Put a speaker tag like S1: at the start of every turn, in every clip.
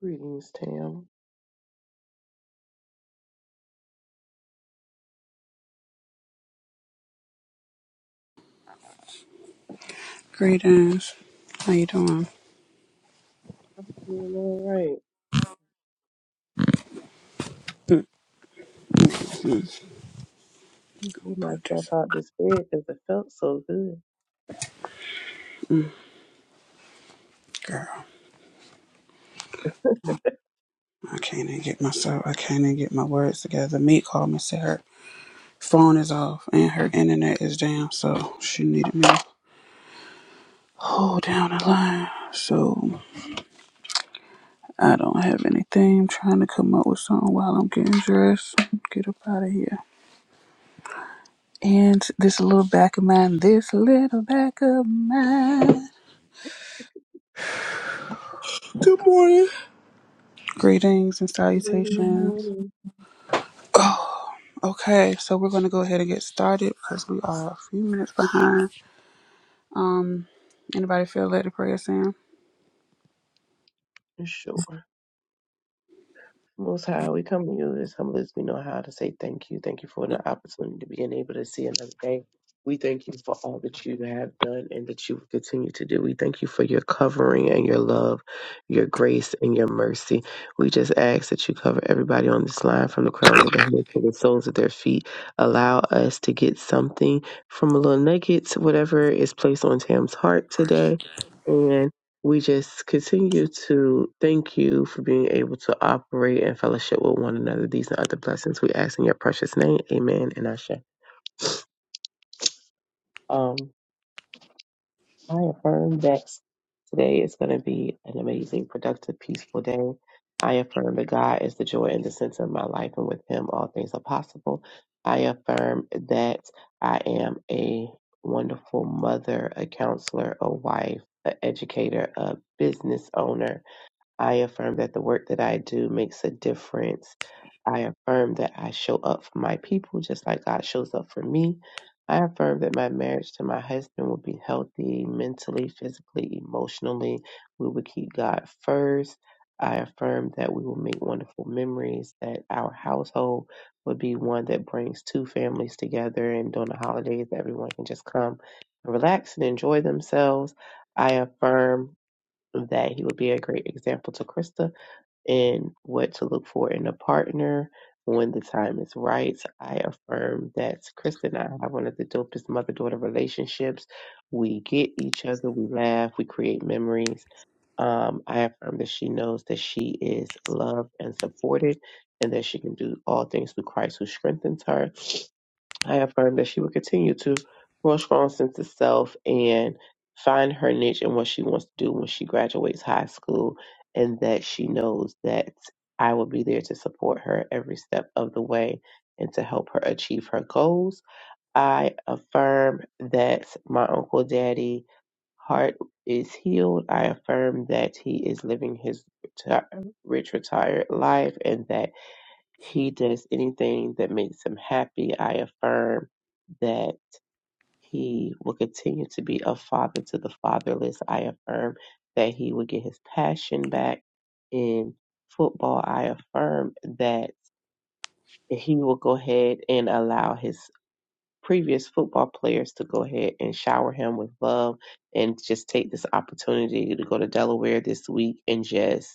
S1: Greetings, Tam.
S2: Greetings. How you doing?
S1: I'm Doing all right.
S2: Mm-mm-mm.
S1: Pulled
S2: Put
S1: myself
S2: this
S1: out this bed because it felt so good.
S2: on. girl. I can't even get myself. I can't even get my words together. Meet called me and said her phone is off and her internet is down, so she needed me to hold down the line. So I don't have anything. I'm trying to come up with something while I'm getting dressed. Get up out of here. And this little back of mine. This little back of mine.
S3: Good morning.
S2: Greetings and
S1: Greetings,
S2: salutations.
S1: Tammy.
S2: Oh, okay, so we're gonna go ahead and get started because we are a few minutes behind. Um, anybody feel led to pray us in?
S1: Sure. Most High, we come to you as humble as we know how to say thank you. Thank you for the opportunity to being able to see another day. We thank you for all that you have done and that you will continue to do. We thank you for your covering and your love, your grace and your mercy. We just ask that you cover everybody on this line from the crowns of their heads to the soles of their feet. Allow us to get something from a little nuggets, whatever is placed on Tam's heart today. We just continue to thank you for being able to operate and fellowship with one another. These and other blessings we ask in your precious name. Amen and Asha. Um, I affirm that today is going to be an amazing, productive, peaceful day. I affirm that God is the joy and the center of my life, and with Him, all things are possible. I affirm that I am a wonderful mother, a counselor, a wife, an educator, a business owner, I affirm that the work that I do makes a difference. I affirm that I show up for my people just like God shows up for me. I affirm that my marriage to my husband will be healthy mentally, physically, emotionally. We will keep God first. I affirm that we will make wonderful memories, that our household would be one that brings two families together and during the holidays everyone can just come and relax and enjoy themselves. I affirm that he would be a great example to Krista and what to look for in a partner when the time is right. I affirm that Krista and I have one of the dopest mother daughter relationships. We get each other, we laugh, we create memories. Um, I affirm that she knows that she is loved and supported and that she can do all things through Christ who strengthens her. I affirm that she will continue to grow a strong sense of self and find her niche and what she wants to do when she graduates high school, and that she knows that I will be there to support her every step of the way and to help her achieve her goals. I affirm that my Uncle Daddy heart is healed. I affirm that he is living his reti- rich retired life and that he does anything that makes him happy. I affirm that he will continue to be a father to the fatherless. I affirm that he will get his passion back in football. I affirm that he will go ahead and allow his previous football players to go ahead and shower him with love and just take this opportunity to go to Delaware this week and just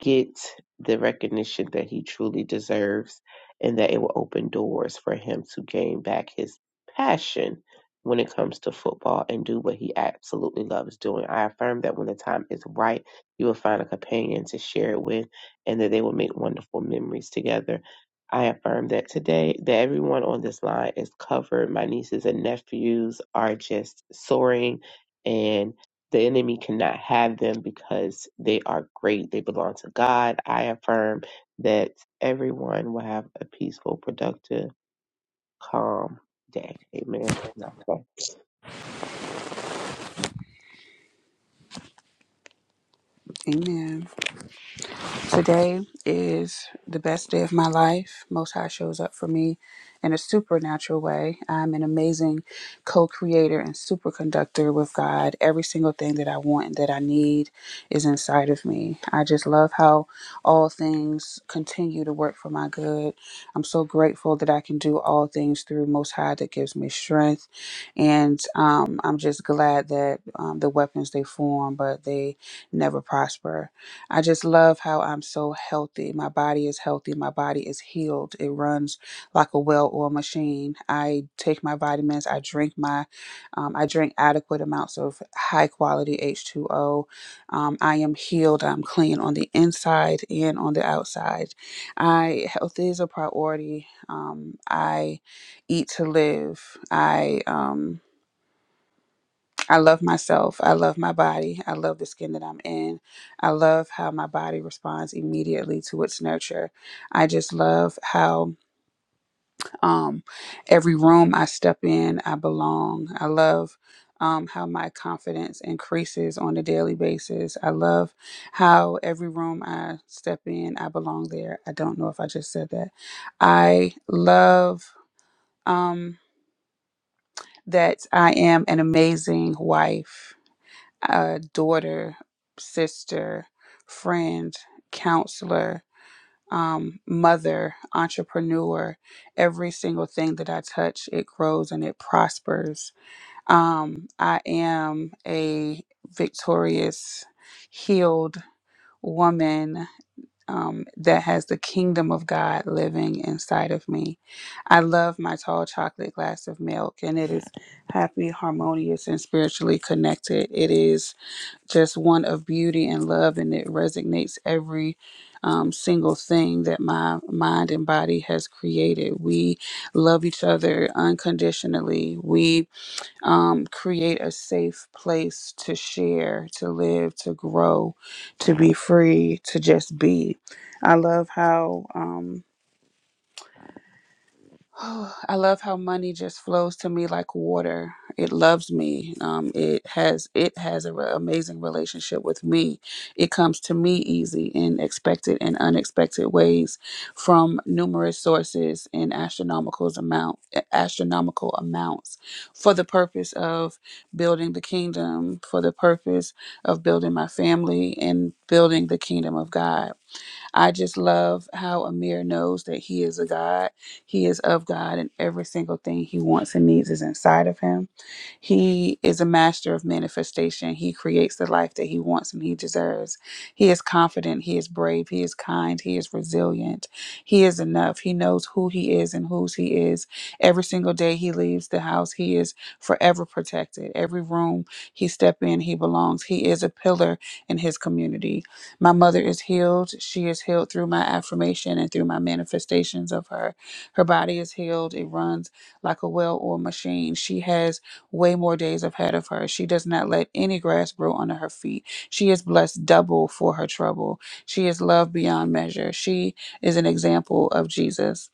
S1: get the recognition that he truly deserves and that it will open doors for him to gain back his passion when it comes to football and do what he absolutely loves doing. I affirm that when the time is right, you will find a companion to share it with and that they will make wonderful memories together. I affirm that today that everyone on this line is covered. My nieces and nephews are just soaring and. The enemy cannot have them because they are great. They belong to God. I affirm that everyone will have a peaceful, productive, calm day. Amen. And I thank
S2: Amen. Today is the best day of my life. Most High shows up for me in a supernatural way. I'm an amazing co creator and superconductor with God. Every single thing that I want and that I need is inside of me. I just love how all things continue to work for my good. I'm so grateful that I can do all things through Most High that gives me strength. And um, I'm just glad that um, the weapons they form, but they never prosper I just love how I'm so healthy. My body is healthy. My body is healed. It runs like a well-oiled machine. I take my vitamins. I drink my, um, I drink adequate amounts of high-quality H2O. Um, I am healed. I'm clean on the inside and on the outside. I health is a priority. Um, I eat to live. I um, I love myself. I love my body. I love the skin that I'm in. I love how my body responds immediately to its nurture. I just love how um, every room I step in, I belong. I love um, how my confidence increases on a daily basis. I love how every room I step in, I belong there. I don't know if I just said that. I love um, that I am an amazing wife. a daughter, sister, friend, counselor, um, mother, entrepreneur. Every single thing that I touch, it grows and it prospers. Um, I am a victorious, healed woman um, that has the kingdom of God living inside of me. I love my tall chocolate glass of milk, and it is happy, harmonious, and spiritually connected. It is just one of beauty and love, and it resonates every um, single thing that my mind and body has created. We love each other unconditionally. We um, create a safe place to share, to live, to grow, to be free, to just be. I love how. Um, Oh, I love how money just flows to me like water. It loves me. Um, it has it has an amazing relationship with me. It comes to me easy in expected and unexpected ways, from numerous sources in astronomical amount astronomical amounts, for the purpose of building the kingdom, for the purpose of building my family and building the kingdom of God. I just love how Amir knows that he is a God. He is of God, and every single thing he wants and needs is inside of him. He is a master of manifestation. He creates the life that he wants and he deserves. He is confident. He is brave. He is kind. He is resilient. He is enough. He knows who he is and whose he is. Every single day he leaves the house, he is forever protected. Every room he step in, he belongs. He is a pillar in his community. My mother is healed. She is healed through my affirmation and through my manifestations of her. Her body is healed. It runs like a well oiled machine. She has way more days ahead of her. She does not let any grass grow under her feet. She is blessed double for her trouble. She is loved beyond measure. She is an example of Jesus.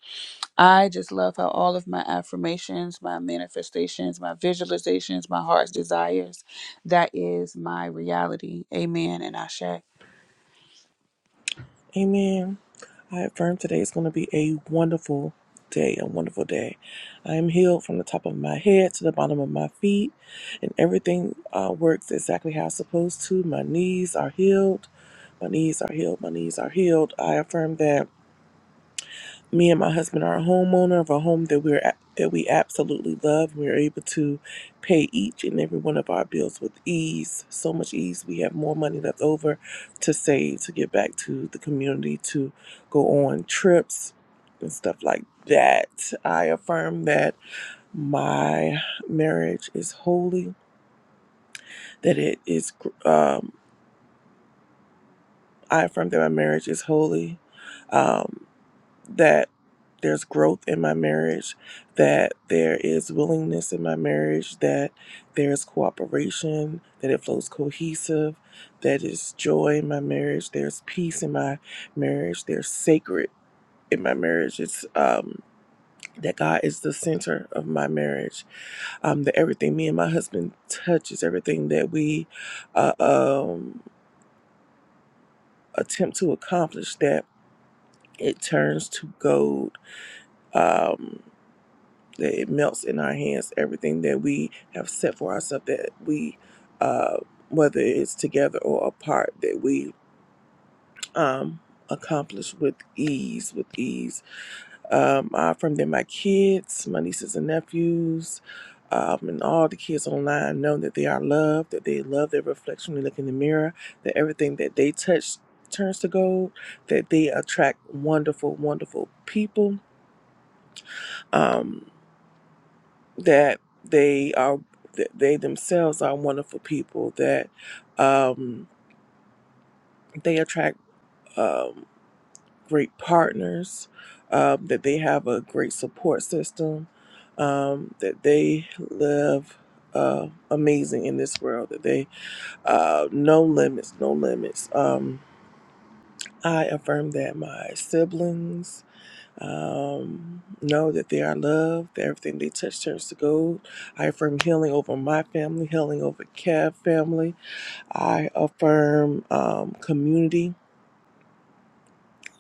S2: I just love how all of my affirmations, my manifestations, my visualizations, my heart's desires, that is my reality. Amen and Ashe.
S3: Amen. I affirm today is going to be a wonderful day, a wonderful day. I am healed from the top of my head to the bottom of my feet, and everything uh, works exactly how it's supposed to. My knees are healed. My knees are healed. My knees are healed. I affirm that Me and my husband are a homeowner of a home that we're a- that we absolutely love. We're able to pay each and every one of our bills with ease, so much ease. We have more money left over to save, to give back to the community, to go on trips and stuff like that. I affirm that my marriage is holy. That it is. gr- Um, I affirm that my marriage is holy. Um. that there's growth in my marriage, that there is willingness in my marriage, that there is cooperation, that it flows cohesive, that is joy in my marriage, there's peace in my marriage, there's sacred in my marriage. It's um that God is the center of my marriage. Um that everything me and my husband touches, everything that we uh, um attempt to accomplish that it turns to gold. Um that it melts in our hands everything that we have set for ourselves that we uh whether it's together or apart that we um accomplish with ease with ease um uh, from them my kids my nieces and nephews um, and all the kids online know that they are loved that they love their reflection when they look in the mirror that everything that they touch turns to gold that they attract wonderful wonderful people Um, that they are that they themselves are wonderful people that um, they attract um, great partners um, that they have a great support system um, that they live uh, amazing in this world that they uh, no limits no limits um, i affirm that my siblings um, know that they are loved, that everything they touch turns to gold. I affirm healing over my family, healing over Kev family. I affirm um, community,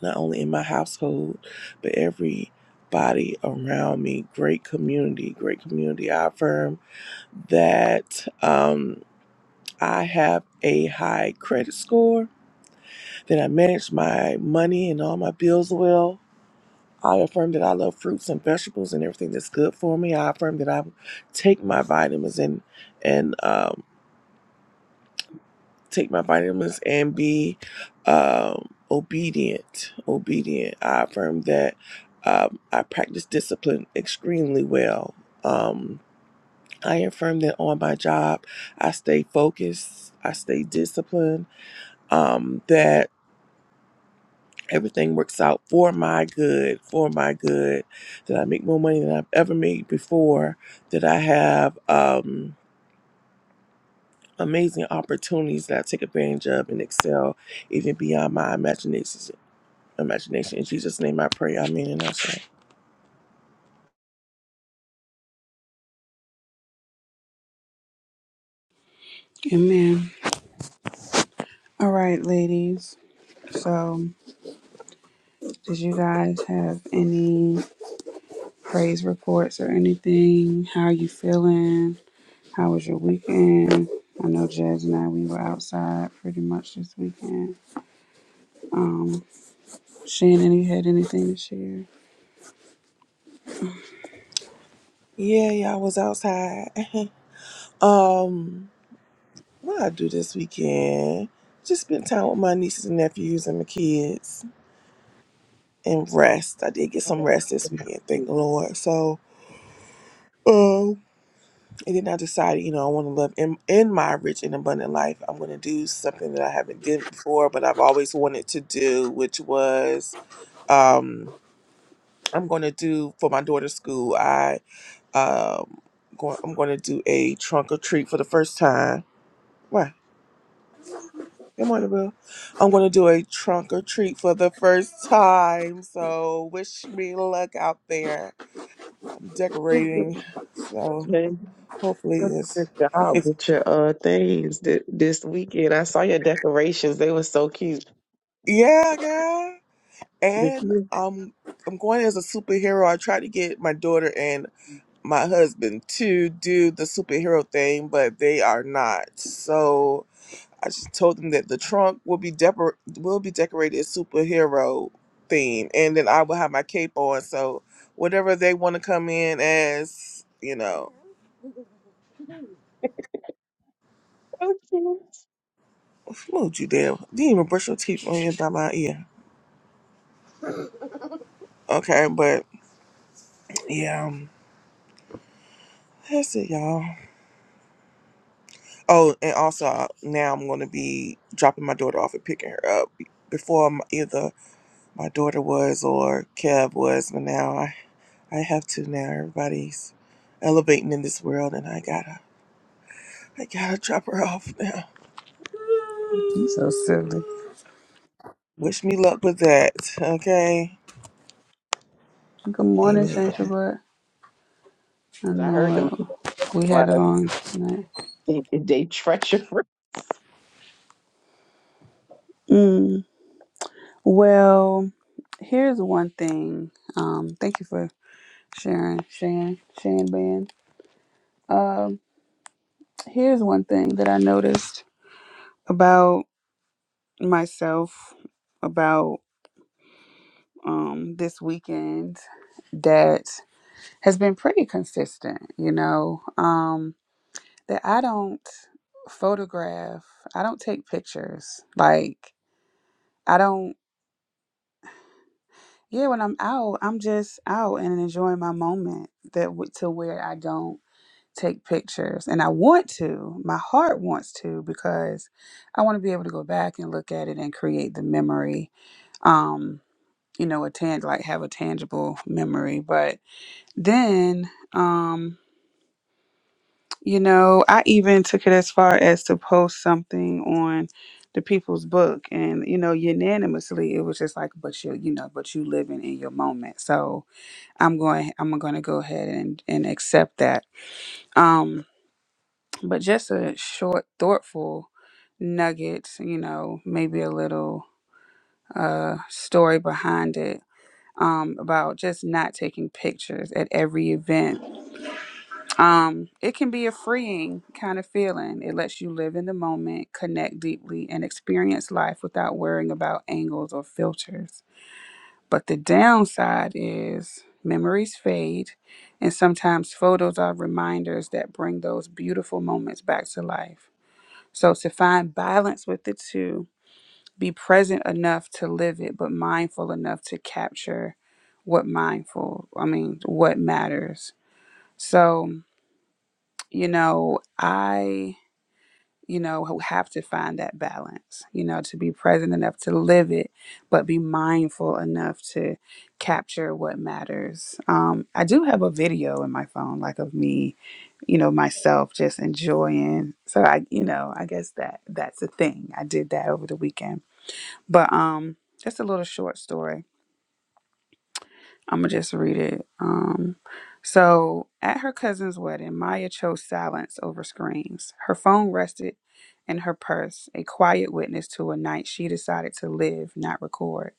S3: not only in my household, but everybody around me, great community, great community. I affirm that um, I have a high credit score, that I manage my money and all my bills well, I affirm that I love fruits and vegetables and everything that's good for me. I affirm that I take my vitamins and and um, take my vitamins and be um, obedient. Obedient. I affirm that um, I practice discipline extremely well. Um, I affirm that on my job, I stay focused. I stay disciplined. Um, that Everything works out for my good, for my good. That I make more money than I've ever made before. That I have um, amazing opportunities that I take advantage of and excel even beyond my imagination. Imagination. In Jesus' name, I pray. Amen. And I say,
S2: Amen. All right, ladies. So, did you guys have any praise reports or anything? How you feeling? How was your weekend? I know Jazz and I we were outside pretty much this weekend. Um, Shannon, you had anything to share?
S3: Yay! I was outside. um, what I do this weekend? Just spend time with my nieces and nephews and my kids and rest. I did get
S1: God
S3: some
S1: that
S3: rest this weekend, thank
S1: we
S3: the Lord. So Um, and then I decided, you know, I want to live in, in my rich and abundant life. I'm going to do something that I haven't did before, but I've always wanted to do, which was um, I'm going to do for my daughter's school. I um, going, I'm going to do a trunk or treat for the first time. Why? Good morning, boo. I'm going to do a trunk or treat for the first time. So wish me luck out there. I'm decorating, so hopefully it's
S1: Okay. Out
S3: it's
S1: with your uh things th- this weekend. I saw your decorations. They were so cute.
S3: yeah, girl.
S1: The kids
S3: and
S1: were
S3: I'm I'm going as a superhero. I tried to get my daughter and my husband to do the superhero thing, but they are not. So I just told them that the trunk will be decor- will be decorated superhero theme, and then I will have my cape on. So whatever they want to come in as, you know,
S1: so cute.
S3: move you damn. Didn't even brush your teeth on your by my ear. Okay, but yeah, um, that's it, y'all. Oh, and also uh, now I'm going to be dropping my daughter off and picking her up. Be- Before m either my daughter was or Kev was, but now I, I have to now. Everybody's elevating in this world, and I gotta I gotta drop her off now.
S2: You so silly.
S3: Wish me luck with that. Okay.
S2: Good morning,
S3: Amen.
S2: Shannon. But I
S1: I heard
S2: know
S1: them.
S2: it. we
S1: Like,
S2: had a long night.
S1: they, they treacherous.
S2: Mm, well, here's one thing. Um, thank you for sharing, Shan, Shan Um, here's one thing that I noticed about myself about um this weekend that has been pretty consistent, you know, um that I don't photograph, I don't take pictures. Like I don't yeah, when I'm out, I'm just out and enjoying my moment that w- to where I don't take pictures and I want to, my heart wants to because I want to be able to go back and look at it and create the memory um you know a tang like have a tangible memory but then um you know I even took it as far as to post something on the people's book and you know unanimously it was just like but you you know but you living in your moment so I'm going I'm going to go ahead and and accept that Um. But just a short, thoughtful nugget, you know, maybe a little uh, story behind it um, about just not taking pictures at every event. Um, it can be a freeing kind of feeling. It lets you live in the moment, connect deeply, and experience life without worrying about angles or filters. But the downside is memories fade, and sometimes photos are reminders that bring those beautiful moments back to life. So to find balance with the two, be present enough to live it, but mindful enough to capture what mindful, I mean, what matters. So, you know, I you know, who have to find that balance, you know, to be present enough to live it, but be mindful enough to capture what matters. Um, I do have a video in my phone, like of me, you know, myself just enjoying. So I, you know, I guess that that's a thing. I did that over the weekend, but um, just a little short story I'm gonna just read it. Um, so at her cousin's wedding, Maya chose silence over screams. Her phone rested in her purse, a quiet witness to a night she decided to live, not record.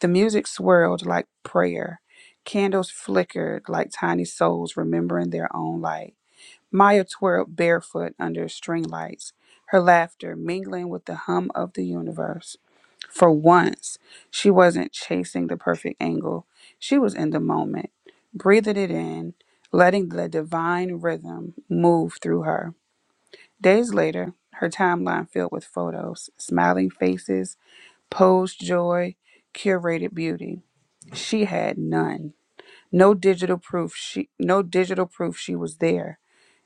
S2: The music swirled like prayer. Candles flickered like tiny souls remembering their own light. Maya twirled barefoot under string lights, her laughter mingling with the hum of the universe. For once, she wasn't chasing the perfect angle. She was in the moment, breathing it in, letting the divine rhythm move through her. Days later, her timeline filled with photos, smiling faces, posed joy, curated beauty. She had none. No digital proof she no digital proof she was there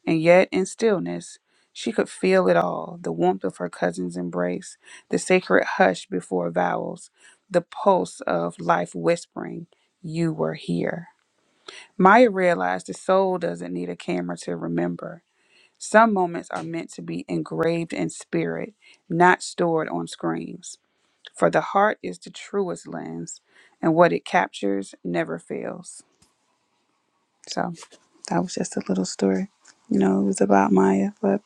S2: and yet, in stillness, she could feel it all the warmth of her cousin's embrace, the sacred hush before vowels, the pulse of life whispering, You were here. Maya realized the soul doesn't need a camera to remember. Some moments are meant to be engraved in spirit, not stored on screens. For the heart is the truest lens, and what it captures never fails. So that was just a little story. You know, it was about Maya, but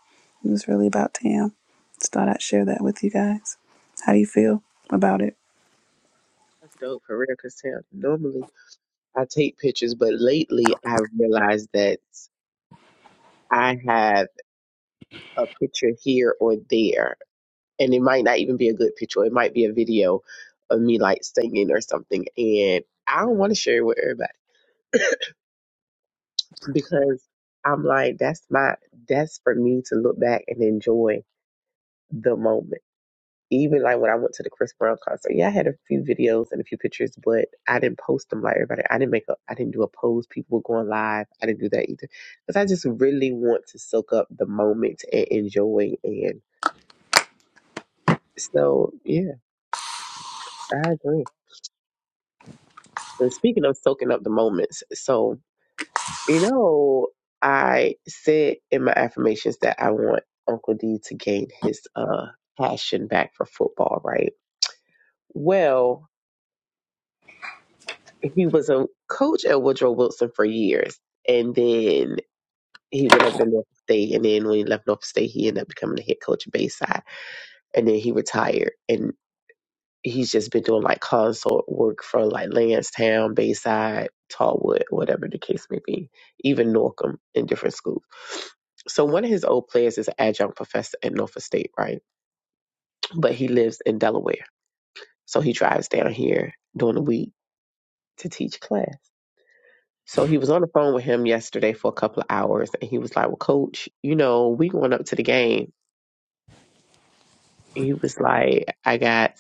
S2: it was really about Tam. Just thought I'd share that with you guys. How do you feel about it?
S1: That's dope for real. Cause normally I take pictures, but lately I have realized that I have a picture here or there, and it might not even be a good picture. It might be a video of me like singing or something, and I don't want to share it with everybody because I'm like, that's my that's for me to look back and enjoy the moment. even like when I went to the Chris Brown concert, yeah, I had a few videos and a few pictures, but I didn't post them like everybody. I didn't make a, I didn't do a post. People were going live. I didn't do that either because I just really want to soak up the moment and enjoy. And so, yeah, I agree. And speaking of soaking up the moments, so you know, I said in my affirmations that I want Uncle D to gain his uh passion back for football, right? Well, he was a coach at Woodrow Wilson for years, and then he went over to North State, and then when he left North State, he ended up becoming the head coach at Bayside, and then he retired, and he's just been doing like consult work for like Lansdowne, Bayside, Tallwood, whatever the case may be, even Norcom in different schools. So one of his old players is an adjunct professor at Norfolk State, right? But he lives in Delaware, so he drives down here during the week to teach class. So he was on the phone with him yesterday for a couple of hours and he was like, Well, coach, you know, we going up to the game. And he was like, I got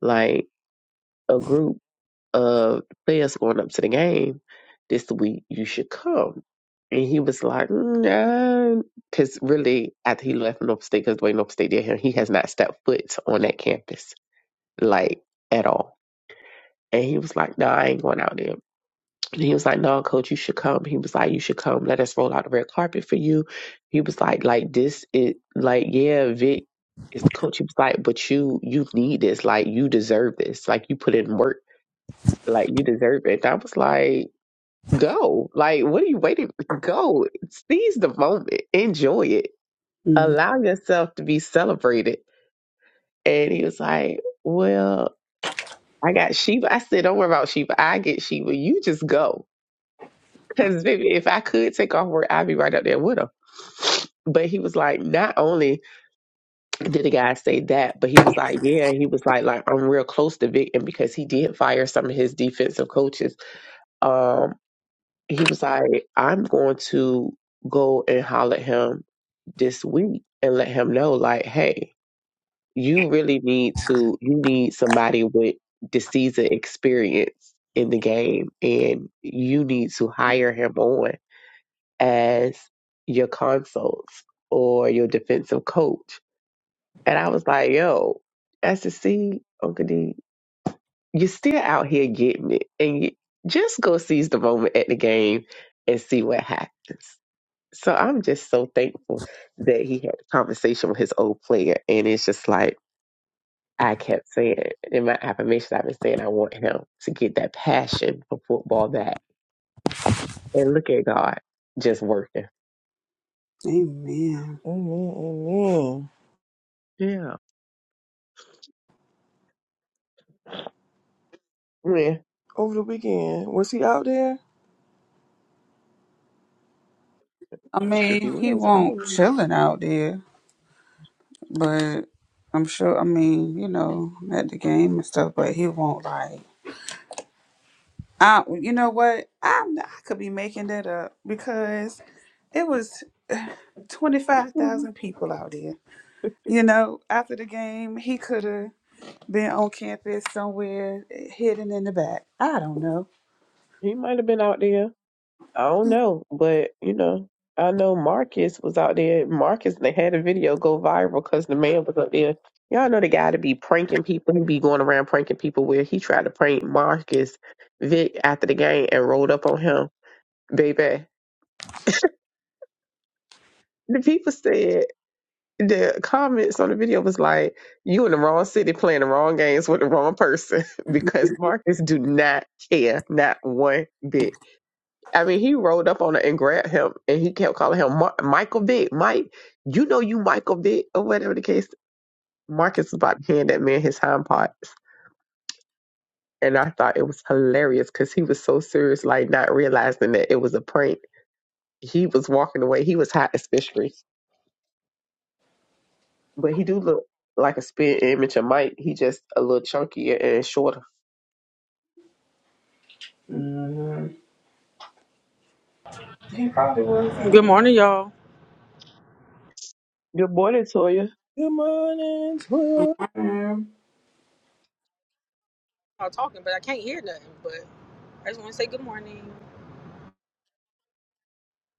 S1: like a group of players going up to the game this week. You should come. And he was like, nah, because really, after he left North State, because the way North State did him, he has not stepped foot on that campus like at all. And he was like, No, I ain't going out there. And he was like, "No, coach, you should come." He was like, "You should come. Let us roll out the red carpet for you." He was like, "Like this, it like yeah, Vic is the coach." He was like, "But you, you need this. Like you deserve this. Like you put in work. Like you deserve it." And I was like, "Go. Like what are you waiting? Go. Seize the moment. Enjoy it.
S2: Mm,
S1: Allow yourself to be celebrated." And he was like, "Well." I got Sheba. I said, don't worry about Sheba. I get Sheba. You just go. Because baby, if I could take off work, I'd be right up there with him. But he was like, not only did the guy say that, but he was like, yeah, he was like, like I'm real close to Vic, and because he did fire some of his defensive coaches, um, he was like, I'm going to go and holler at him this week and let him know, like, hey, you really need to, you need somebody with the season experience in the game, and you need to hire him on as your consults or your defensive coach. And I was like, yo, SSC, Uncle D, you're still out here getting it. And you just go seize the moment at the game and see what happens. So I'm just so thankful that he had a conversation with his old player. And it's just like, I kept saying in my affirmation, I've been saying I want him to get that passion for football back. And look at God just working.
S2: amen.
S3: Amen. Amen.
S1: Yeah. Yeah.
S3: Over the weekend, was he out there?
S2: I
S1: If he
S2: mean, he
S1: was, I
S2: won't
S1: don't
S2: chilling out there, but I'm sure. I mean, you know, at the game and stuff, but he won't like. I, you know what? I'm I could be making that up because it was twenty five
S1: Mhm.
S2: thousand people out there. You know, after the game, he could have. Been on campus somewhere, hidden in the back. I don't know.
S1: He might have been out there. I don't know, but you know, I know Marcus was out there. Marcus, they had a video go viral because the man was up there. Y'all know the guy to be pranking people. He be going around pranking people where he tried to prank Marcus Vic after the game and rolled up on him. Baby, the people said the comments on the video was like, "You in the wrong city playing the wrong games with the wrong person because Marcus do not care not one bit." I mean, he rolled up on her and grabbed him, and he kept calling him Mar- Michael Vick. Mike, you know you Michael Vick, or whatever the case. Marcus was about to hand that man his hind parts, and I thought it was hilarious because he was so serious, like not realizing that it was a prank. He was walking away. He was hot as fish but he do look like a spin image of Mike. He just a little chunkier and shorter.
S2: hmm He probably was on
S4: Good morning,
S2: there.
S4: y'all.
S1: Good morning, Toya.
S3: Good morning. Twin.
S2: Mhm.
S4: I'm talking, but I can't hear nothing. But I just want to say good morning.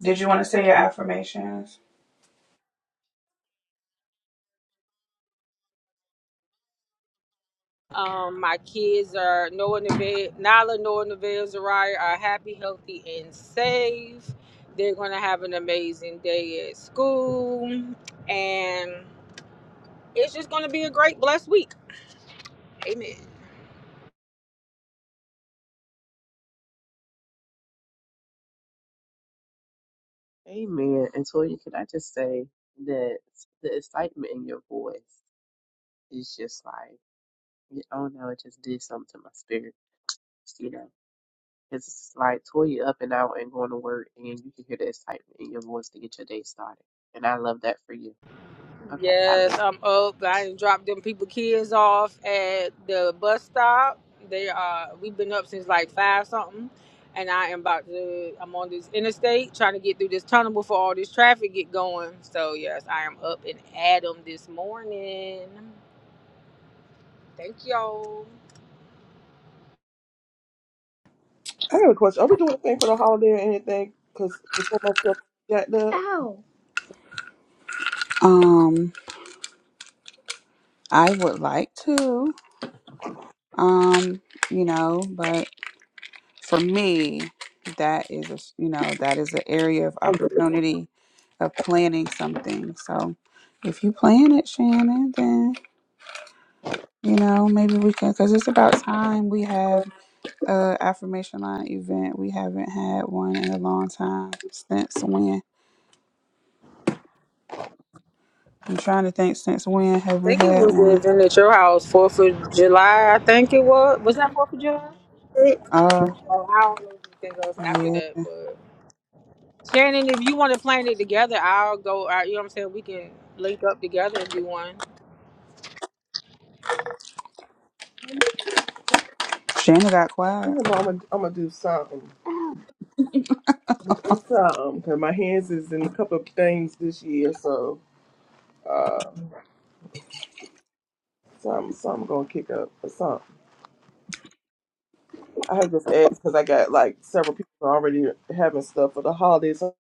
S2: Did you want to say your affirmations?
S4: Um, my kids are Noah Neville, Nala, Noah Neville, Zariah are happy, healthy, and safe. They're gonna have an amazing day at school, and it's just gonna be a great, blessed week. Amen.
S1: Amen. And Toya, can I just say that the excitement in your voice is just like. Yeah, Oh no, it just did something to my spirit. You know, because it's like Toya up and out and going to work, and you can hear the excitement in your voice to get your day started. And I love that for you. Okay, I land.
S4: Yes, I'm up. I done dropped them people kids off at the bus stop. They uh we've been up since like five something. And I am about to I'm on this interstate trying to get through this tunnel before all this traffic get going. So yes, I am up and at 'em this morning. Thank y'all.
S3: I have a question. Are we doing anything for the holiday or anything? Cause Jack, the, Ow.
S2: Um, I would like to, um, you know, but for me, that is a, you know, that is an area of opportunity of planning something. So if you plan it, Shannon, then, you know, maybe we can, because it's about time we have uh affirmation line event. We haven't had one in a long time. Since when? I'm trying to think since when
S4: I
S2: have we
S4: think it
S2: had
S4: was the
S2: one?
S4: event at your house, Fourth of July, I think it was. Was that Fourth of July?
S2: Uh
S4: Oh, I don't know if anything else after
S2: yeah.
S4: that, Shannon, if you want to plan it together, I'll go. Out, you know what I'm saying? We can link up together and do one.
S2: Shannon got quiet.
S3: I'm gonna I'm gonna do something. do something 'cause my hands is in a couple of things this year, so uh, some some gonna kick up or something. I had just asked because I got like several people already having stuff for the holidays. So,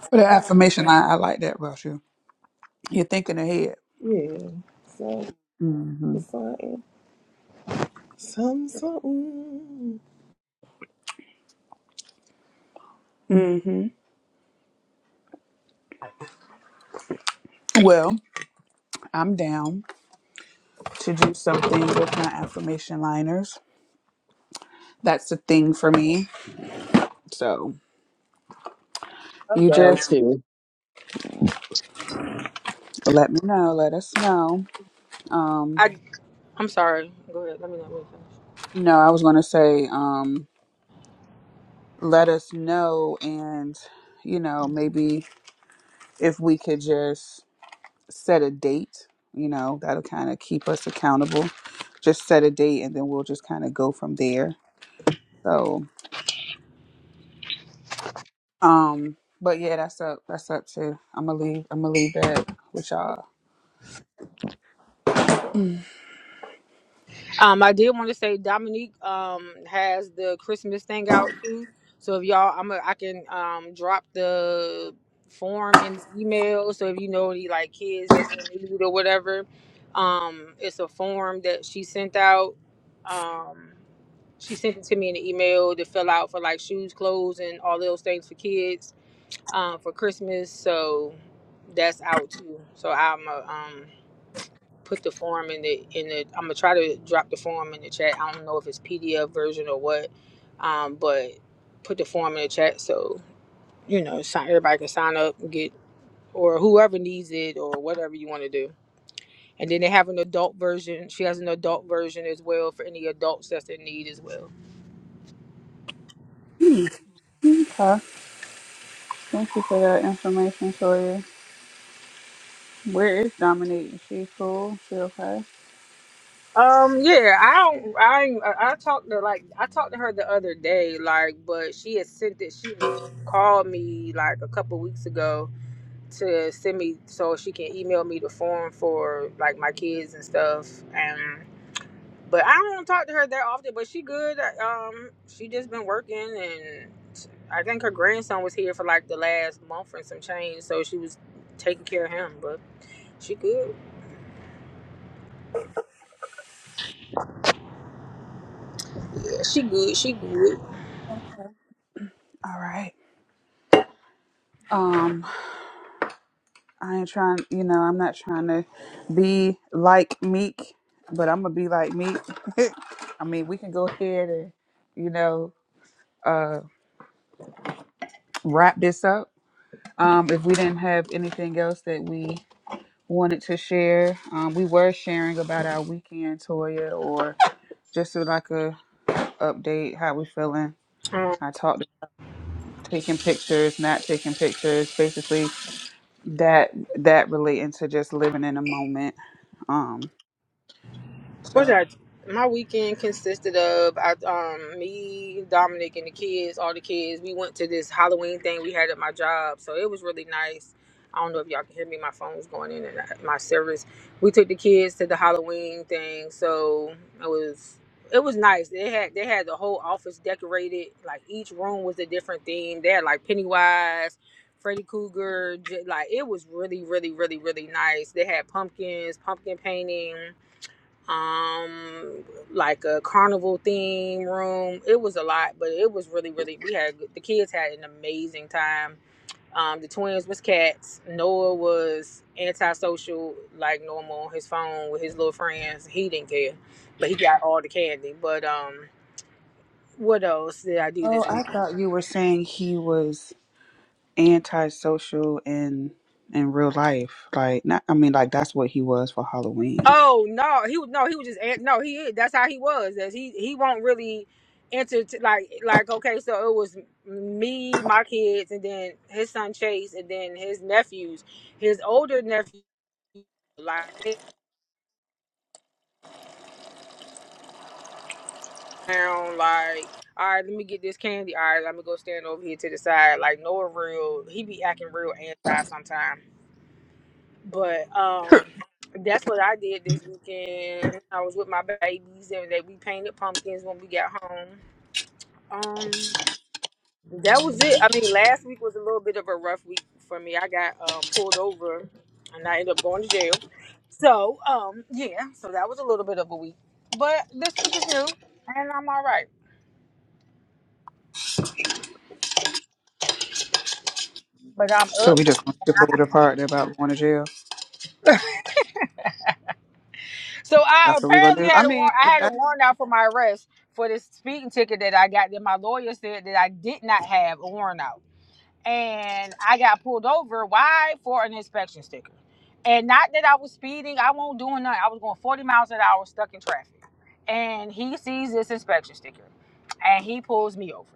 S2: For the affirmation line, I like that about you. You're thinking ahead.
S3: Yeah, so
S2: hmm
S3: it's something, some something.
S2: hmm Well, I'm down to do something with my affirmation liners. That's the thing for me. So
S1: I'm
S2: you
S1: down
S2: just
S1: too.
S2: let me know, let us know. Um
S4: I I'm sorry. Go ahead. Let me not finish.
S2: no, I was gonna say, um, let us know and you know maybe if we could just set a date you know that'll kind of keep us accountable just set a date and then we'll just kind of go from there so um but yeah that's up that's up to i'm gonna leave i'm gonna leave that with y'all
S4: Um, I did want to say Dominique um has the Christmas thing out too. So if y'all, I'm a, I can um drop the form in the email. So if you know any like kids that's in need or whatever, um, it's a form that she sent out. Um, she sent it to me in the email to fill out for like shoes, clothes, and all those things for kids um, for Christmas, so that's out too. So I'm gonna um, put the form in the in the. I'm gonna try to drop the form in the chat. I don't know if it's PDF version or what, um, but put the form in the chat so you know sign, everybody can sign up and get or whoever needs it or whatever you want to do. And then they have an adult version. She has an adult version as well for any adults that's in need as well.
S2: Hmm, okay thank you for that information Toya. where is Dominique? Is she cool she okay
S4: Um, yeah, I don't, I, ain't- I I talked to like, I talked to her the other day, like, but she had sent it. She had called me like a couple weeks ago to send me so she can email me the form for like my kids and stuff. And but I don't talk to her that often. But she good. uh, Um, she just been working, and I think her grandson was here for like the last month and some change, so she was taking care of him. But she good. Yeah, she good. She good.
S2: all right I ain't trying, you know, I'm not trying to be like Meek, but I'm gonna be like Meek. I mean, we can go ahead and, you know, uh, wrap this up. Um, if we didn't have anything else that we wanted to share, um, we were sharing about our weekend, Toya, or just so like a update, how we feeling.
S4: Um,
S2: I talked taking pictures, not taking pictures, basically that that relating to just living in a moment. Um,
S4: What
S2: so
S4: I my weekend consisted of I um me, Dominic and the kids, all the kids. We went to this Halloween thing we had at my job, so it was really nice. I don't know if y'all can hear me. My phone's going in and out- my service. We took the kids to the Halloween thing, so it was it was nice. They had they had the whole office decorated. Like each room was a different theme. They had like Pennywise, Freddy Krueger. j- Like it was really really really really nice. They had pumpkins, pumpkin painting um like a carnival theme room it was a lot but it was really really we had the kids had an amazing time um the twins was cats noah was antisocial like normal on his phone with his little friends he didn't care but he got all the candy but um what else did i do
S2: Oh,
S4: this
S2: I
S4: weekend?
S2: thought you were saying he was antisocial in in real life. Like, not, I mean, like that's what he was for Halloween.
S4: Oh no, he was no, he was just an- no, he is. That's how he was. That he he won't really enter to, like like okay, so it was me, my kids, and then his son Chase, and then his nephews, his older nephew, like they down like all right, let me get this candy. All right, let me go stand over here to the side. Like Noah, real he be acting real anti sometimes, but um. That's what I did this weekend. I was with my babies and they we painted pumpkins when we got home Um, that was it. I mean, last week was a little bit of a rough week for me. I got um, pulled over, and I ended up going to jail. So, um, yeah, so that was a little bit of a week. But this week is new, and I'm all right. But I'm
S2: So
S4: up.
S2: we just gonna skip over the part about going to jail.
S4: So I
S2: That's what we're gonna
S4: apparently
S2: do. I
S4: had a
S2: mean,
S4: warrant. I
S2: if
S4: had a
S2: that's
S4: warrant out for my arrest for this speeding ticket that I got. That my lawyer said that I did not have a warrant out. and I got pulled over. Why? For an inspection sticker. And not that I was speeding, I was not doing nothing. I was going 40 miles an hour stuck in traffic. And he sees this inspection sticker and he pulls me over.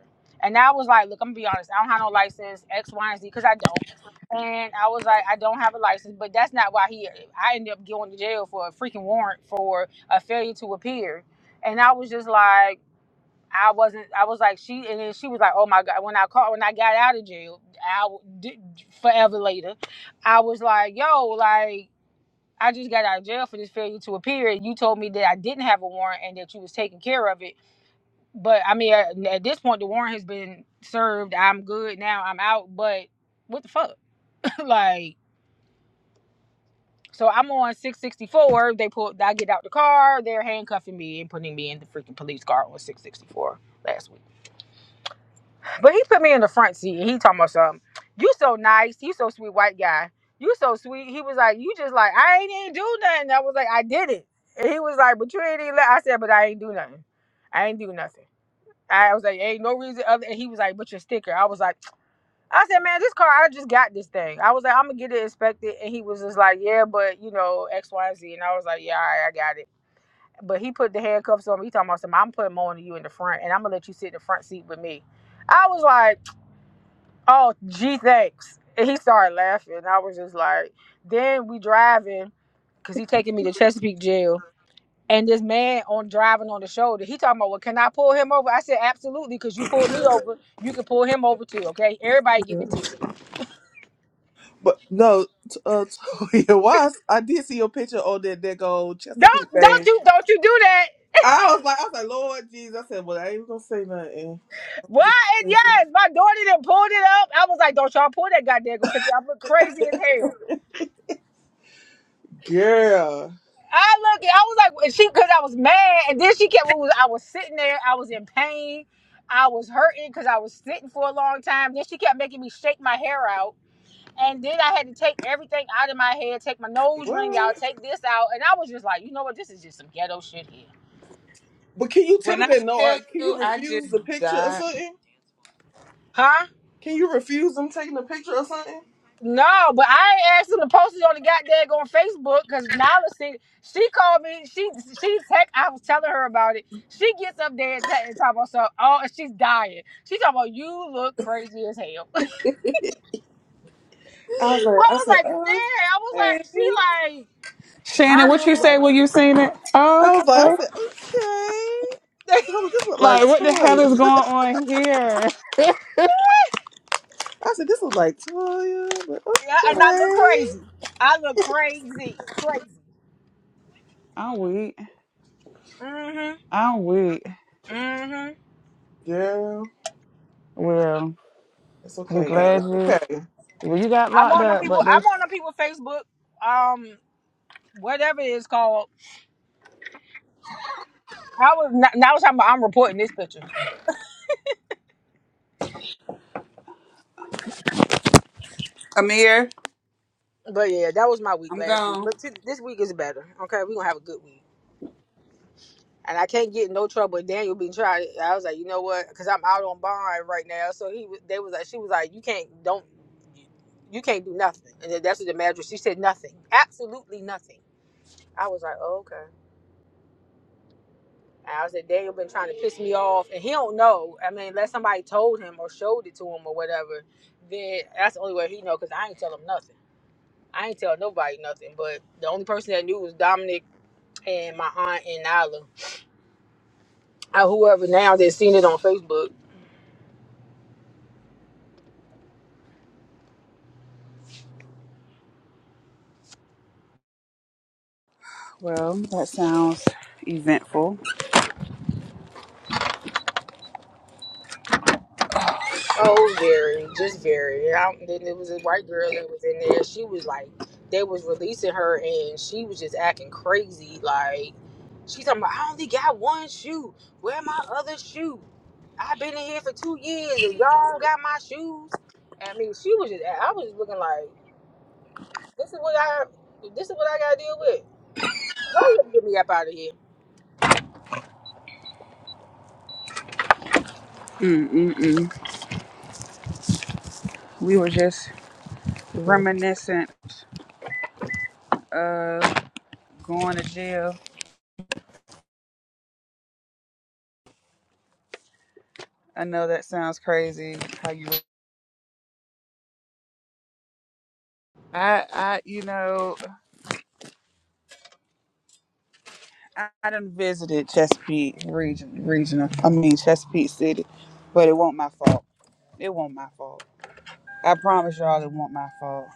S4: And I was like, look, I'm gonna be honest, I don't have no license, X, Y, and Z, because I don't. And I was like, I don't have a license, but that's not why he I ended up going to jail for a freaking warrant for a failure to appear. And I was just like, I wasn't. I was like she, and then she was like, "Oh my god!" When I called, when I got out of jail, I w- forever later, I was like, "Yo, like I just got out of jail for this failure to appear, and you told me that I didn't have a warrant and that you was taking care of it." But I mean, at, at this point, the warrant has been served. I'm good now. I'm out. But what the fuck? like, so I'm on 664. They pull. I get out the car. They're handcuffing me and putting me in the freaking police car on 664. last week. But he put me in the front seat. and He talking about something. You so nice. You so sweet, white guy. You so sweet. He was like, you just like I ain't even do nothing. I was like, I did it. And he was like, but you ain't even. Let. I said, but I ain't do nothing. I ain't do nothing. I was like, ain't no reason other. And he was like, but your sticker. I was like, I said, man, this car. I just got this thing. I was like, I'm gonna get it inspected. And he was just like, yeah, but you know X, Y, and Z. And I was like, yeah, all right, I got it. But he put the handcuffs on me. He talking about something. I'm putting more on you in the front, and I'm gonna let you sit in the front seat with me. I was like. Oh, gee, thanks. And he started laughing. I was just like, then we driving because he taking me to Chesapeake jail. And this man on driving on the shoulder, he talking about, well, can I pull him over? I said, absolutely, because you pulled me over, you can pull him over too. Okay, everybody getting a ticket.
S3: But no, t- uh, Toya, why? I did see your picture on that that old
S4: Don't,
S3: Chesapeake
S4: don't
S3: thing.
S4: you, don't you do that?
S3: I was like, I was like, Lord Jesus. I said, well, I ain't gonna say nothing.
S4: What? And yes, my daughter then pulled it up. I was like, don't y'all pull that goddamn picture. I look crazy as hell.
S3: Girl,
S4: I look at, I was like and she because I was mad and then she kept it was- I was sitting there, I was in pain, I was hurting because I was sitting for a long time. Then she kept making me shake my hair out. And then I had to take everything out of my head, take my nose ring
S3: what?
S4: out, take this out. And I was just like, you know what, this is just some ghetto shit here.
S3: But can you tell
S2: when
S3: them
S2: I
S3: that no? I,
S2: tell
S3: can you
S2: you, I
S3: refuse
S2: just
S3: the picture or
S2: died.
S3: something?
S4: Huh?
S3: Can you refuse them taking the picture or something?
S4: No, but I ain't asked him to post it on the goddamn on Facebook because Nala see she called me. She she text. I was telling her about it. She gets up there and, te- and talk about stuff. Oh, and she's dying. She talking about you look crazy as hell.
S3: I was
S4: I
S3: like, I
S4: was
S3: said,
S4: like, damn. I was like,
S3: okay.
S4: she like
S2: Shannon,
S4: turn
S2: what you
S4: this
S2: say
S4: way.
S2: when you seen it?
S3: I was like, I
S2: Okay.
S3: said, okay. I said, hold oh, this look like
S2: Like, what the hell is
S3: Toya.
S2: going on here?
S3: I said, this look like Toya, but
S4: Yeah, and I look
S3: okay.
S4: crazy. I look crazy, crazy.
S2: I'm weak.
S4: Mhm,
S2: I'm weak.
S4: mhm.
S3: Girl,
S2: Well,
S3: it's
S2: I'm
S3: okay though.
S2: glad you.
S3: That's okay.
S2: Well, you got
S4: I'm
S2: locked
S4: on them
S2: up,
S4: people.
S2: but
S4: I'm
S2: this.
S4: on them people Facebook. Um, whatever it's called I was not, now I was talking about I'm reporting this picture.
S2: Amir,
S4: But yeah, that was my week
S2: I'm
S4: last week.
S2: gone.
S4: But t- this week is better. Okay, we're gonna have a good week. And I can't get in no trouble. with Daniel being tried. I was like, you know what? Because I'm out on bond right now. So he, was- they was like, she was like, you can't, don't, you can't do nothing. And then that's what the magistrate. She said nothing, absolutely nothing. I was like, oh, okay. And I was like, Daniel been trying to piss me off, and he don't know. I mean, unless somebody told him or showed it to him or whatever, then that's the only way he know. Because I ain't tell him nothing. I ain't tell nobody nothing, but the only person that knew was Dominic and my aunt and Nyla. Uh, whoever now that seen it on Facebook.
S2: Well, that sounds eventful.
S4: Oh, very, just very. I, then there was a white girl that was in there. She was like, they was releasing her, and she was just acting crazy. Like, she's talking about, I only got one shoe. Where my other shoe? I've been in here for two years, and y'all got my shoes. I mean, she was just. I was looking like, this is what I, this is what I gotta deal with. Hurry up, and get me up out of here.
S2: Mm-mm-mm. We were just reminiscent of going to jail. I know that sounds crazy. How you? I, I, you know, I, I done visited Chesapeake region, regional. I mean Chesapeake City, but it won't my fault. It won't my fault. I promise y'all, it won't my fault.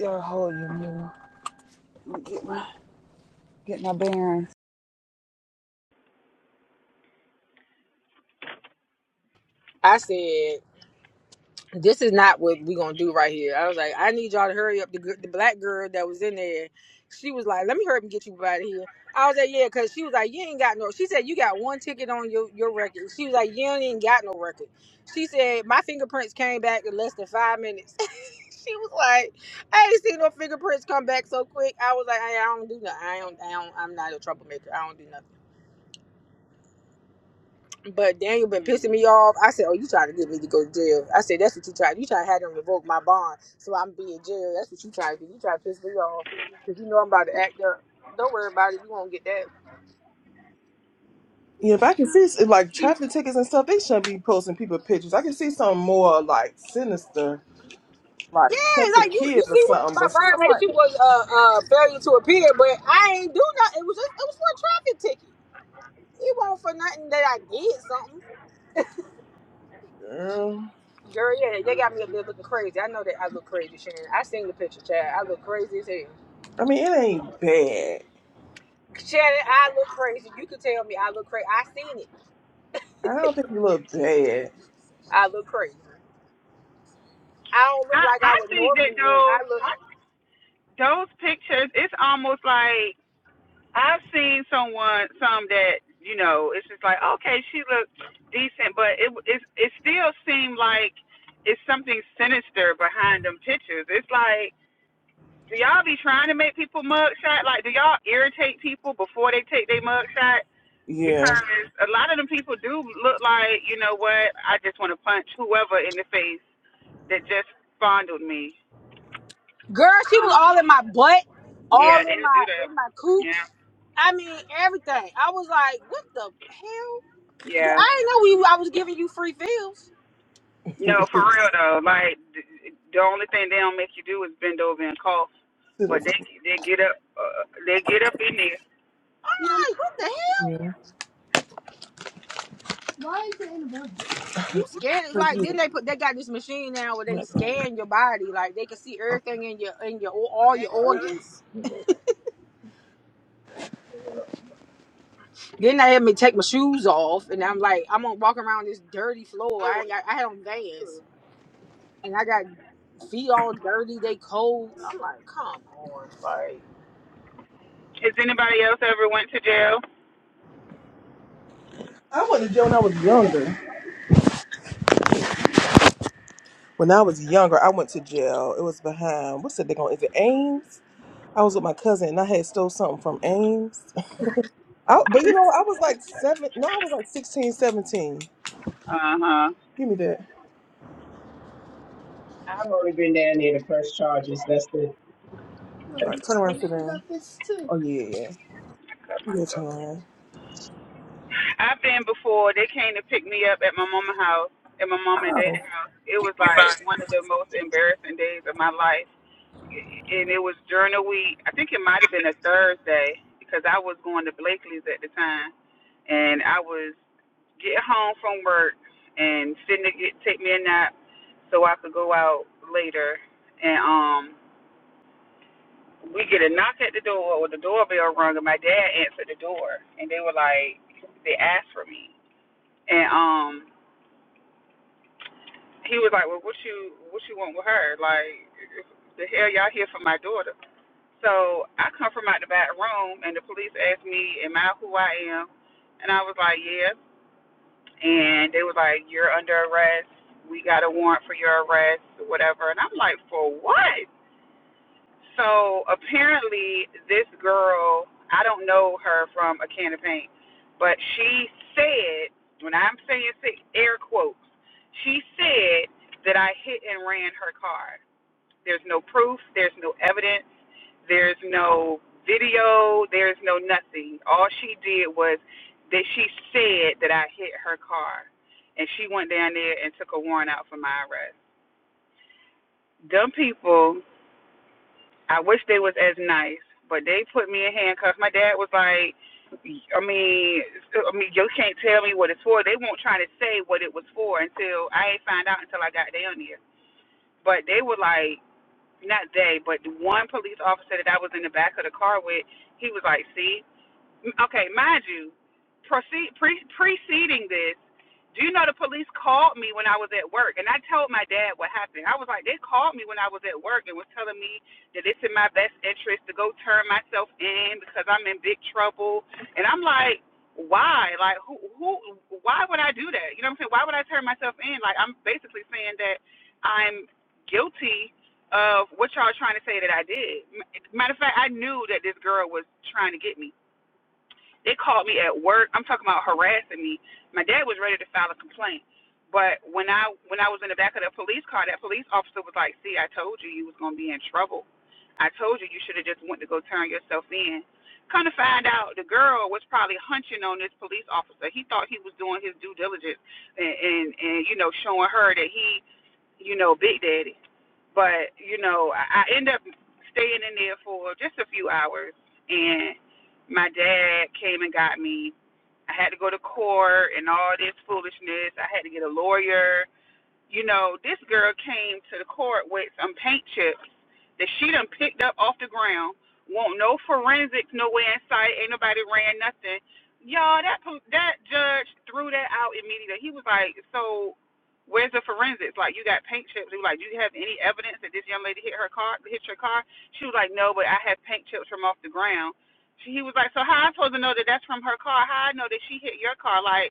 S2: Y'all hold your mule. Let me Get my, get my bearings.
S4: I said, "This is not what we gonna do right here." I was like, "I need y'all to hurry up." The gir- the black girl that was in there, she was like, "Let me hurry up and get you out of here." I was like, "Yeah," because she was like, "You ain't got no." She said, "You got one ticket on your your record." She was like, "You ain't got no record." She said, "My fingerprints came back in less than five minutes." she was like, "I ain't seen no fingerprints come back so quick." I was like, "I, I don't do nothing. I don't. I don't. I'm not a troublemaker. I don't do nothing." But Daniel been pissing me off. I said, "Oh, you trying to get me to go to jail?" I said, "That's what you trying. You trying to have them revoke my bond, so I'm be in jail. That's what you trying to do. You trying to piss me off because you know I'm about to act up. Don't worry about it. You won't get that.
S3: Yeah, if I can see it's like traffic tickets and stuff, they shouldn't be posting people pictures. I can see something more like sinister, like
S4: Yeah,
S3: touch the
S4: like you, you
S3: kids or
S4: see what
S3: something,
S4: my
S3: but something
S4: violation
S3: like,
S4: was uh, uh, failure to appear, but I ain't do nothing. It was just, it was for a traffic ticket. It wasn't for nothing that I did something.
S3: girl.
S4: Girl, yeah, they got me up there looking crazy. I know that I look crazy, Shannon. I seen the picture, Chad. I look crazy as hell.
S3: I mean, it ain't bad.
S4: Shannon, I look crazy. You could tell me I look crazy. I seen it.
S3: I don't think you look bad.
S4: I look crazy. I don't look
S2: I
S4: like I
S2: I
S4: would
S2: think that
S4: normally look. I
S2: those
S4: look
S2: I, those pictures. It's almost like. I've seen someone, some that you know, it's just like okay, she looked decent, but it it it still seemed like it's something sinister behind them pictures. It's like, do y'all be trying to make people mug shot? Like, do y'all irritate people before they take their mug shot?
S3: Yeah.
S2: Because a lot of them people do look like, you know what? I just want to punch whoever in the face that just fondled me.
S4: girl, she was
S2: Um,
S4: all in my butt, all
S2: yeah, they
S4: in my
S2: do that.
S4: in my cooch.
S2: Yeah,
S4: I mean everything. I was like, what the hell? I didn't
S2: yeah.
S4: know we I was giving you free pills.
S2: No, for real though. Like th- the only thing they don't make you do is bend over and cough,
S3: Sit
S2: but they
S3: up.
S2: they get up uh, they get up in there.
S4: Like, what the hell? You scan it
S3: Cause
S4: like
S3: you
S4: then
S3: look
S4: they put they got this machine now where they
S3: like
S4: scan your body like they can see everything in your in your all your
S3: i
S4: organs. Then they had me take my shoes off and I'm like I'm gonna walk around this dirty floor. I ain't got I had on Vans. and I got feet all dirty, they cold. I'm like, come on, like
S2: Has anybody else ever went to jail?
S3: I went to jail when I was younger. When I was younger, I went to jail. It was behind what's that They going is it Ames? I was with my cousin and I had stole something from Ames. I, but you know, I was like seven. No, I was like sixteen, seventeen.
S2: Uh huh.
S3: Give me that.
S1: I've only been down there to press charges. That's the
S3: All right, turn
S1: that's the
S3: around, sit down. Oh yeah, yeah.
S2: I cut
S3: Yeah, Turn
S2: myself.
S3: around.
S2: I've been before. They came to pick me up at my mama's house, at my mom and dad's
S3: Oh.
S2: house. It was like one of the most embarrassing days of my life, and it was during the week. I think it might have been a Thursday because I was going to Blakely's at the time, and I was get home from work and finna get take me a nap so I could go out later. And um, we get a knock at the door or the doorbell rung, and my dad answered the door, and they were like, they asked for me, and um, he was like, well, what you what you want with her? Like, the hell y'all here for my daughter? So I come from out the back room, and the police asked me, am I who I am? And I was like, yeah. and they was like, "You're under arrest. We got a warrant for your arrest, whatever." And I'm like, "For what?" So apparently, this girl—I don't know her from a can of paint—but she said, when I'm saying sick, air quotes, she said that I hit and ran her car. There's no proof. There's no evidence there's no video. There's no nothing. All she did was that she said that I hit her car, and she went down there and took a warrant out for my arrest. Dumb people. I wish they was as nice, but they put me in handcuffs. My dad was like, I mean, I mean, you can't tell me what it's for. They won't try to say what it was for until I ain't find out until I got down there. But they were like, not they, but one police officer that I was in the back of the car with, he was like, see. okay, mind you, proceed, pre, preceding this, do you know the police called me when I was at work? And I told my dad what happened. I was like, they called me when I was at work and was telling me that it's in my best interest to go turn myself in because I'm in big trouble. And I'm like, why? Like, who, who, why would I do that? You know what I'm saying? Why would I turn myself in? Like, I'm basically saying that I'm guilty of what y'all are trying to say that I did. Matter of fact, I knew that this girl was trying to get me. They called me at work. I'm talking about harassing me. My dad was ready to file a complaint. But when I when I was in the back of the police car, that police officer was like, "See, I told you you was gonna be in trouble. I told you you should have just went to go turn yourself in." Come to find out, the girl was probably hunching on this police officer. He thought he was doing his due diligence and and, and you know showing her that he you know big daddy. But you know, I, I end up staying in there for just a few hours, and my dad came and got me. I had to go to court and all this foolishness. I had to get a lawyer you know, this girl came to the court with some paint chips that she done picked up off the ground. Won't no forensics nowhere in sight. Ain't nobody ran nothing. Y'all, that that judge threw that out immediately. He was like, "So, where's the forensics? Like, you got paint chips. He was like, do you have any evidence that this young lady hit her car? Hit your car?" She was like, "No, but I have paint chips from off the ground." She, he was like, "So how I supposed to know that that's from her car? How I know that she hit your car? Like."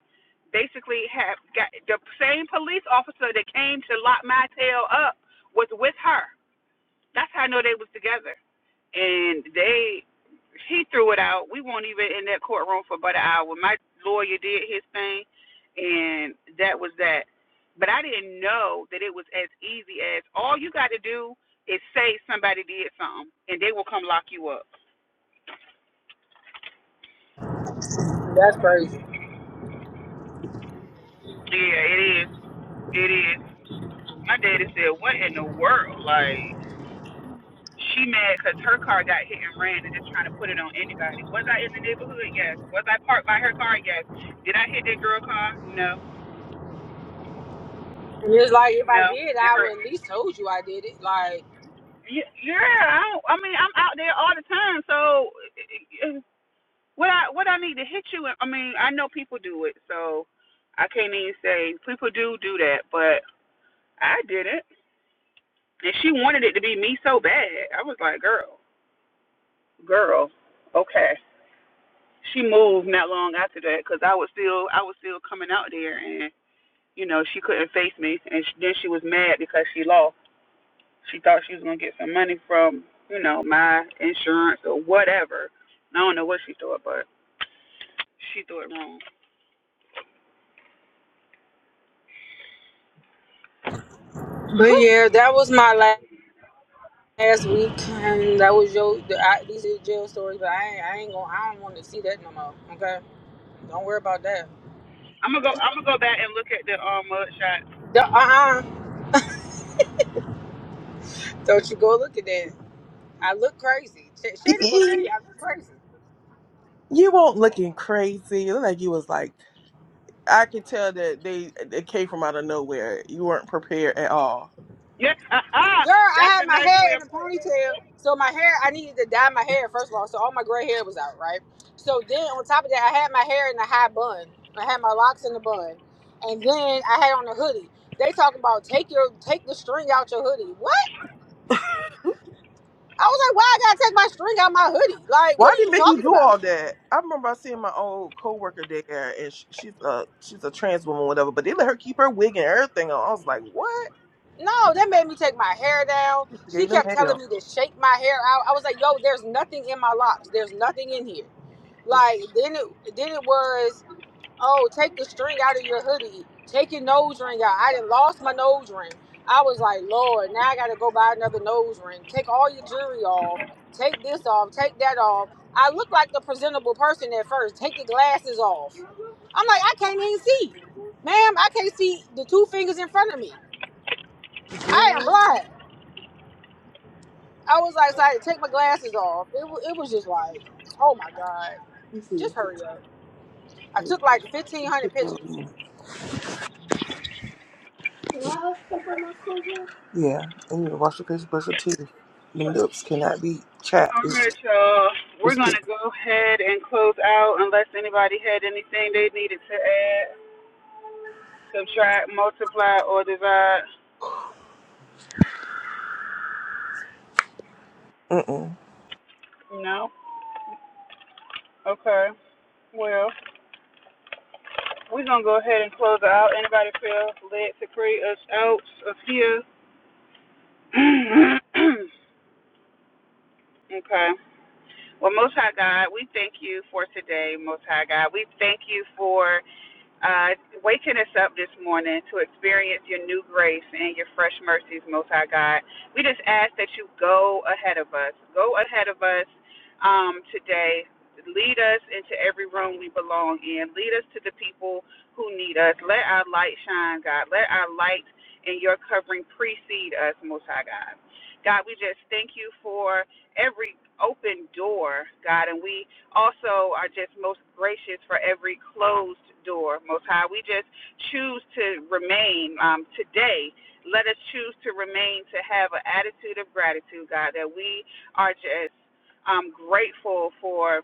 S2: basically have got the same police officer that came to lock my tail up was with her. That's how I know they was together. And they he threw it out. We weren't even in that courtroom for about an hour. My lawyer did his thing and that was that. But I didn't know that it was as easy as all you got to do is say somebody did something and they will come lock you up.
S4: that's crazy.
S2: Yeah, it is. It is. My daddy said, What in the world? Like She mad cause her car got hit and ran and just trying to put it on anybody. Was I in the neighborhood? Yes. Was I parked by her car? Yes. Did I hit that girl car? No.
S4: And it's like if I
S2: No.
S4: did,
S2: And
S4: I
S2: her.
S4: would at least told you I did it. Like,
S2: Y- Yeah. I don't. I mean, I'm out there all the time. So, what I what I need to hit you? I mean, I know people do it. So, I can't even say people do do that, but I did not And she wanted it to be me so bad. I was like, girl, girl, okay. she moved not long after that because I was still I was still coming out there, and you know she couldn't face me, and sh then she was mad because she lost. She thought she was gonna get some money from you know my insurance or whatever. I don't know what she thought, but she thought it wrong.
S4: but yeah, that was my la- last week, and that was your. The, I, these are jail stories, but I ain't, I ain't gonna. I don't want to see that no more. Okay, don't worry about that.
S2: I'm gonna go. I'm gonna go back and look at the um mud shot.
S4: Uh uh-uh. uh. do not you go look at that. I look crazy. Sh- Shannon gonna tell you I look crazy.
S3: you won't looking crazy. You Look like you was like I could tell that they it came from out of nowhere. You weren't prepared at all.
S2: Yeah,
S4: Girl, I
S2: that's
S4: had
S2: a
S4: my
S2: nice
S4: hair
S2: way
S4: in
S2: of.
S4: a ponytail, so my hair I needed to dye my hair first of all, so all my gray hair was out, right? So then on top of that, I had my hair in a high bun. I had my locks in the bun, and then I had on a hoodie. They talking about take your take the string out your hoodie. What? I was like, why I gotta take my string out my hoodie? Like, what
S3: Why
S4: are
S3: did
S4: you
S3: they make you
S4: talking
S3: do all
S4: about?
S3: that? I remember I seeing my old coworker there, and sh she's a she's a trans woman, whatever. But they let her keep her wig and everything on. I was like, what?
S4: No, that made me take my hair down.
S3: Just
S4: She
S3: gave them
S4: kept
S3: hell.
S4: telling me to shake my hair out. I was like, yo, there's nothing in my locks. There's nothing in here.
S3: This sh-
S4: Like then it then it was. oh, take the string out of your hoodie. Take your nose ring out. I done lost my nose ring. I was like, Lord, now I gotta go buy another nose ring. Take all your jewelry off. Take this off. Take that off. I look like the presentable person at first. Take your glasses off. I'm like, I can't even see. Ma'am, I can't see the two fingers in front of me. I am
S3: girl,
S4: blind. I was like, so I had to take my glasses off. It, wa- it was just like, oh my God,
S3: this is- she
S4: just hurry up. I took like 1,500
S3: good?
S4: pictures.
S3: Let me see. Yeah, and you need to wash your face, brush your teeth. Them lips cannot be chapped.
S2: All right,
S3: It's
S2: y'all. We're
S3: it's
S2: gonna go ahead and close out unless anybody had anything they needed to add, subtract, multiply, or divide.
S3: mm
S2: No. Okay. Well, we're gonna go ahead and close it out. Anybody feel led to pray us out of here? okay. Well, Most High God, we thank you for today. Most High God, we thank you for uh, waking us up this morning to experience your new grace and your fresh mercies, Most High God. We just ask that you go ahead of us. Go ahead of us um, today. Lead us into every room we belong in. Lead us to the people who need us. Let our light shine, God. Let our light and your covering precede us, Most High God. God, we just thank you for every open door, God, and we also are just most gracious for every closed door, Most High. We just choose to remain um, today. Let us choose to remain to have an attitude of gratitude, God, that we are just um, grateful for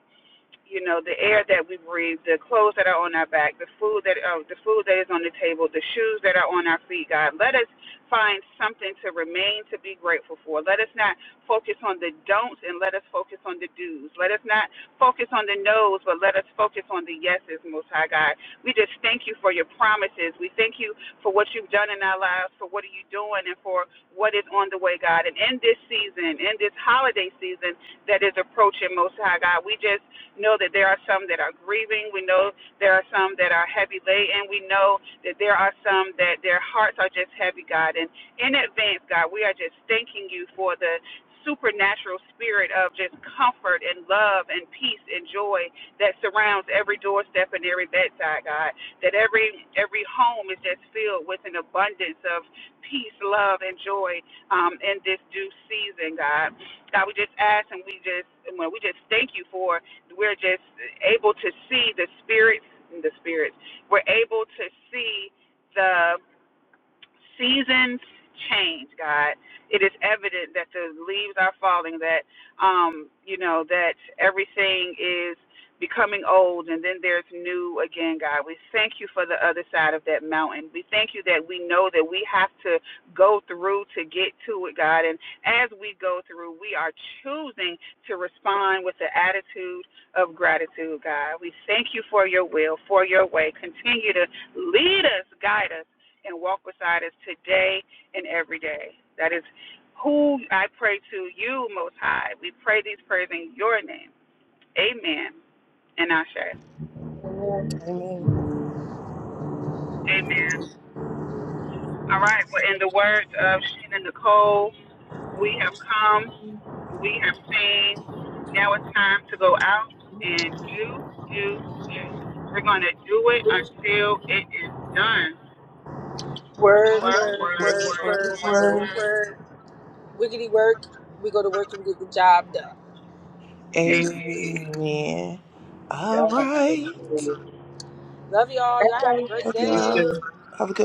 S2: you know, the air that we breathe, the clothes that are on our back, the food that uh, the food that is on the table, the shoes that are on our feet, God. Let us find something to remain to be grateful for. Let us not focus on the don'ts and let us focus on the do's. Let us not focus on the no's, but let us focus on the yeses, Most High God. We just thank you for your promises. We thank you for what you've done in our lives, for what are you doing, and for what is on the way, God. And in this season, in this holiday season that is approaching, Most High God, we just know that there are some that are grieving. We know there are some that are heavy laden. We know that there are some that their hearts are just heavy, God. And in advance, God, we are just thanking you for the supernatural spirit of just comfort and love and peace and joy that surrounds every doorstep and every bedside, God. That every every home is just filled with an abundance of peace, love, and joy um, in this due season, God. God, we just ask and we just well, we just thank you for we're just able to see the spirits the spirits we're able to see the seasons change, God. It is evident that the leaves are falling, that um, you know, that everything is becoming old and then there's new again, God. We thank you for the other side of that mountain. We thank you that we know that we have to go through to get to it, God. And as we go through, we are choosing to respond with the attitude of gratitude, God. We thank you for your will, for your way. Continue to lead us, guide us and walk beside us today and every day. That is who I pray to you, Most High. We pray these prayers in your name. Amen. And Ashe.
S3: Amen.
S2: All right. Well, in the words of Sheena Nicole, we have come, we have seen. Now it's time to go out and do, do, do. We're going to do it until it is done.
S1: word.
S4: Work,
S3: Work,
S2: Work,
S3: work,
S4: work,
S2: work,
S3: work,
S4: work,
S2: work,
S3: work,
S4: work,
S2: work,
S3: work.
S4: work,
S2: work.
S4: work. Wiggity work. We go to work and get the job done.
S1: And
S2: Amen.
S3: Amen. All
S1: y'all have to go
S3: right.
S1: forward.
S4: Love y'all.
S1: That's
S4: Y'all have a great
S3: Yeah.
S1: all.
S4: day.
S3: Have a good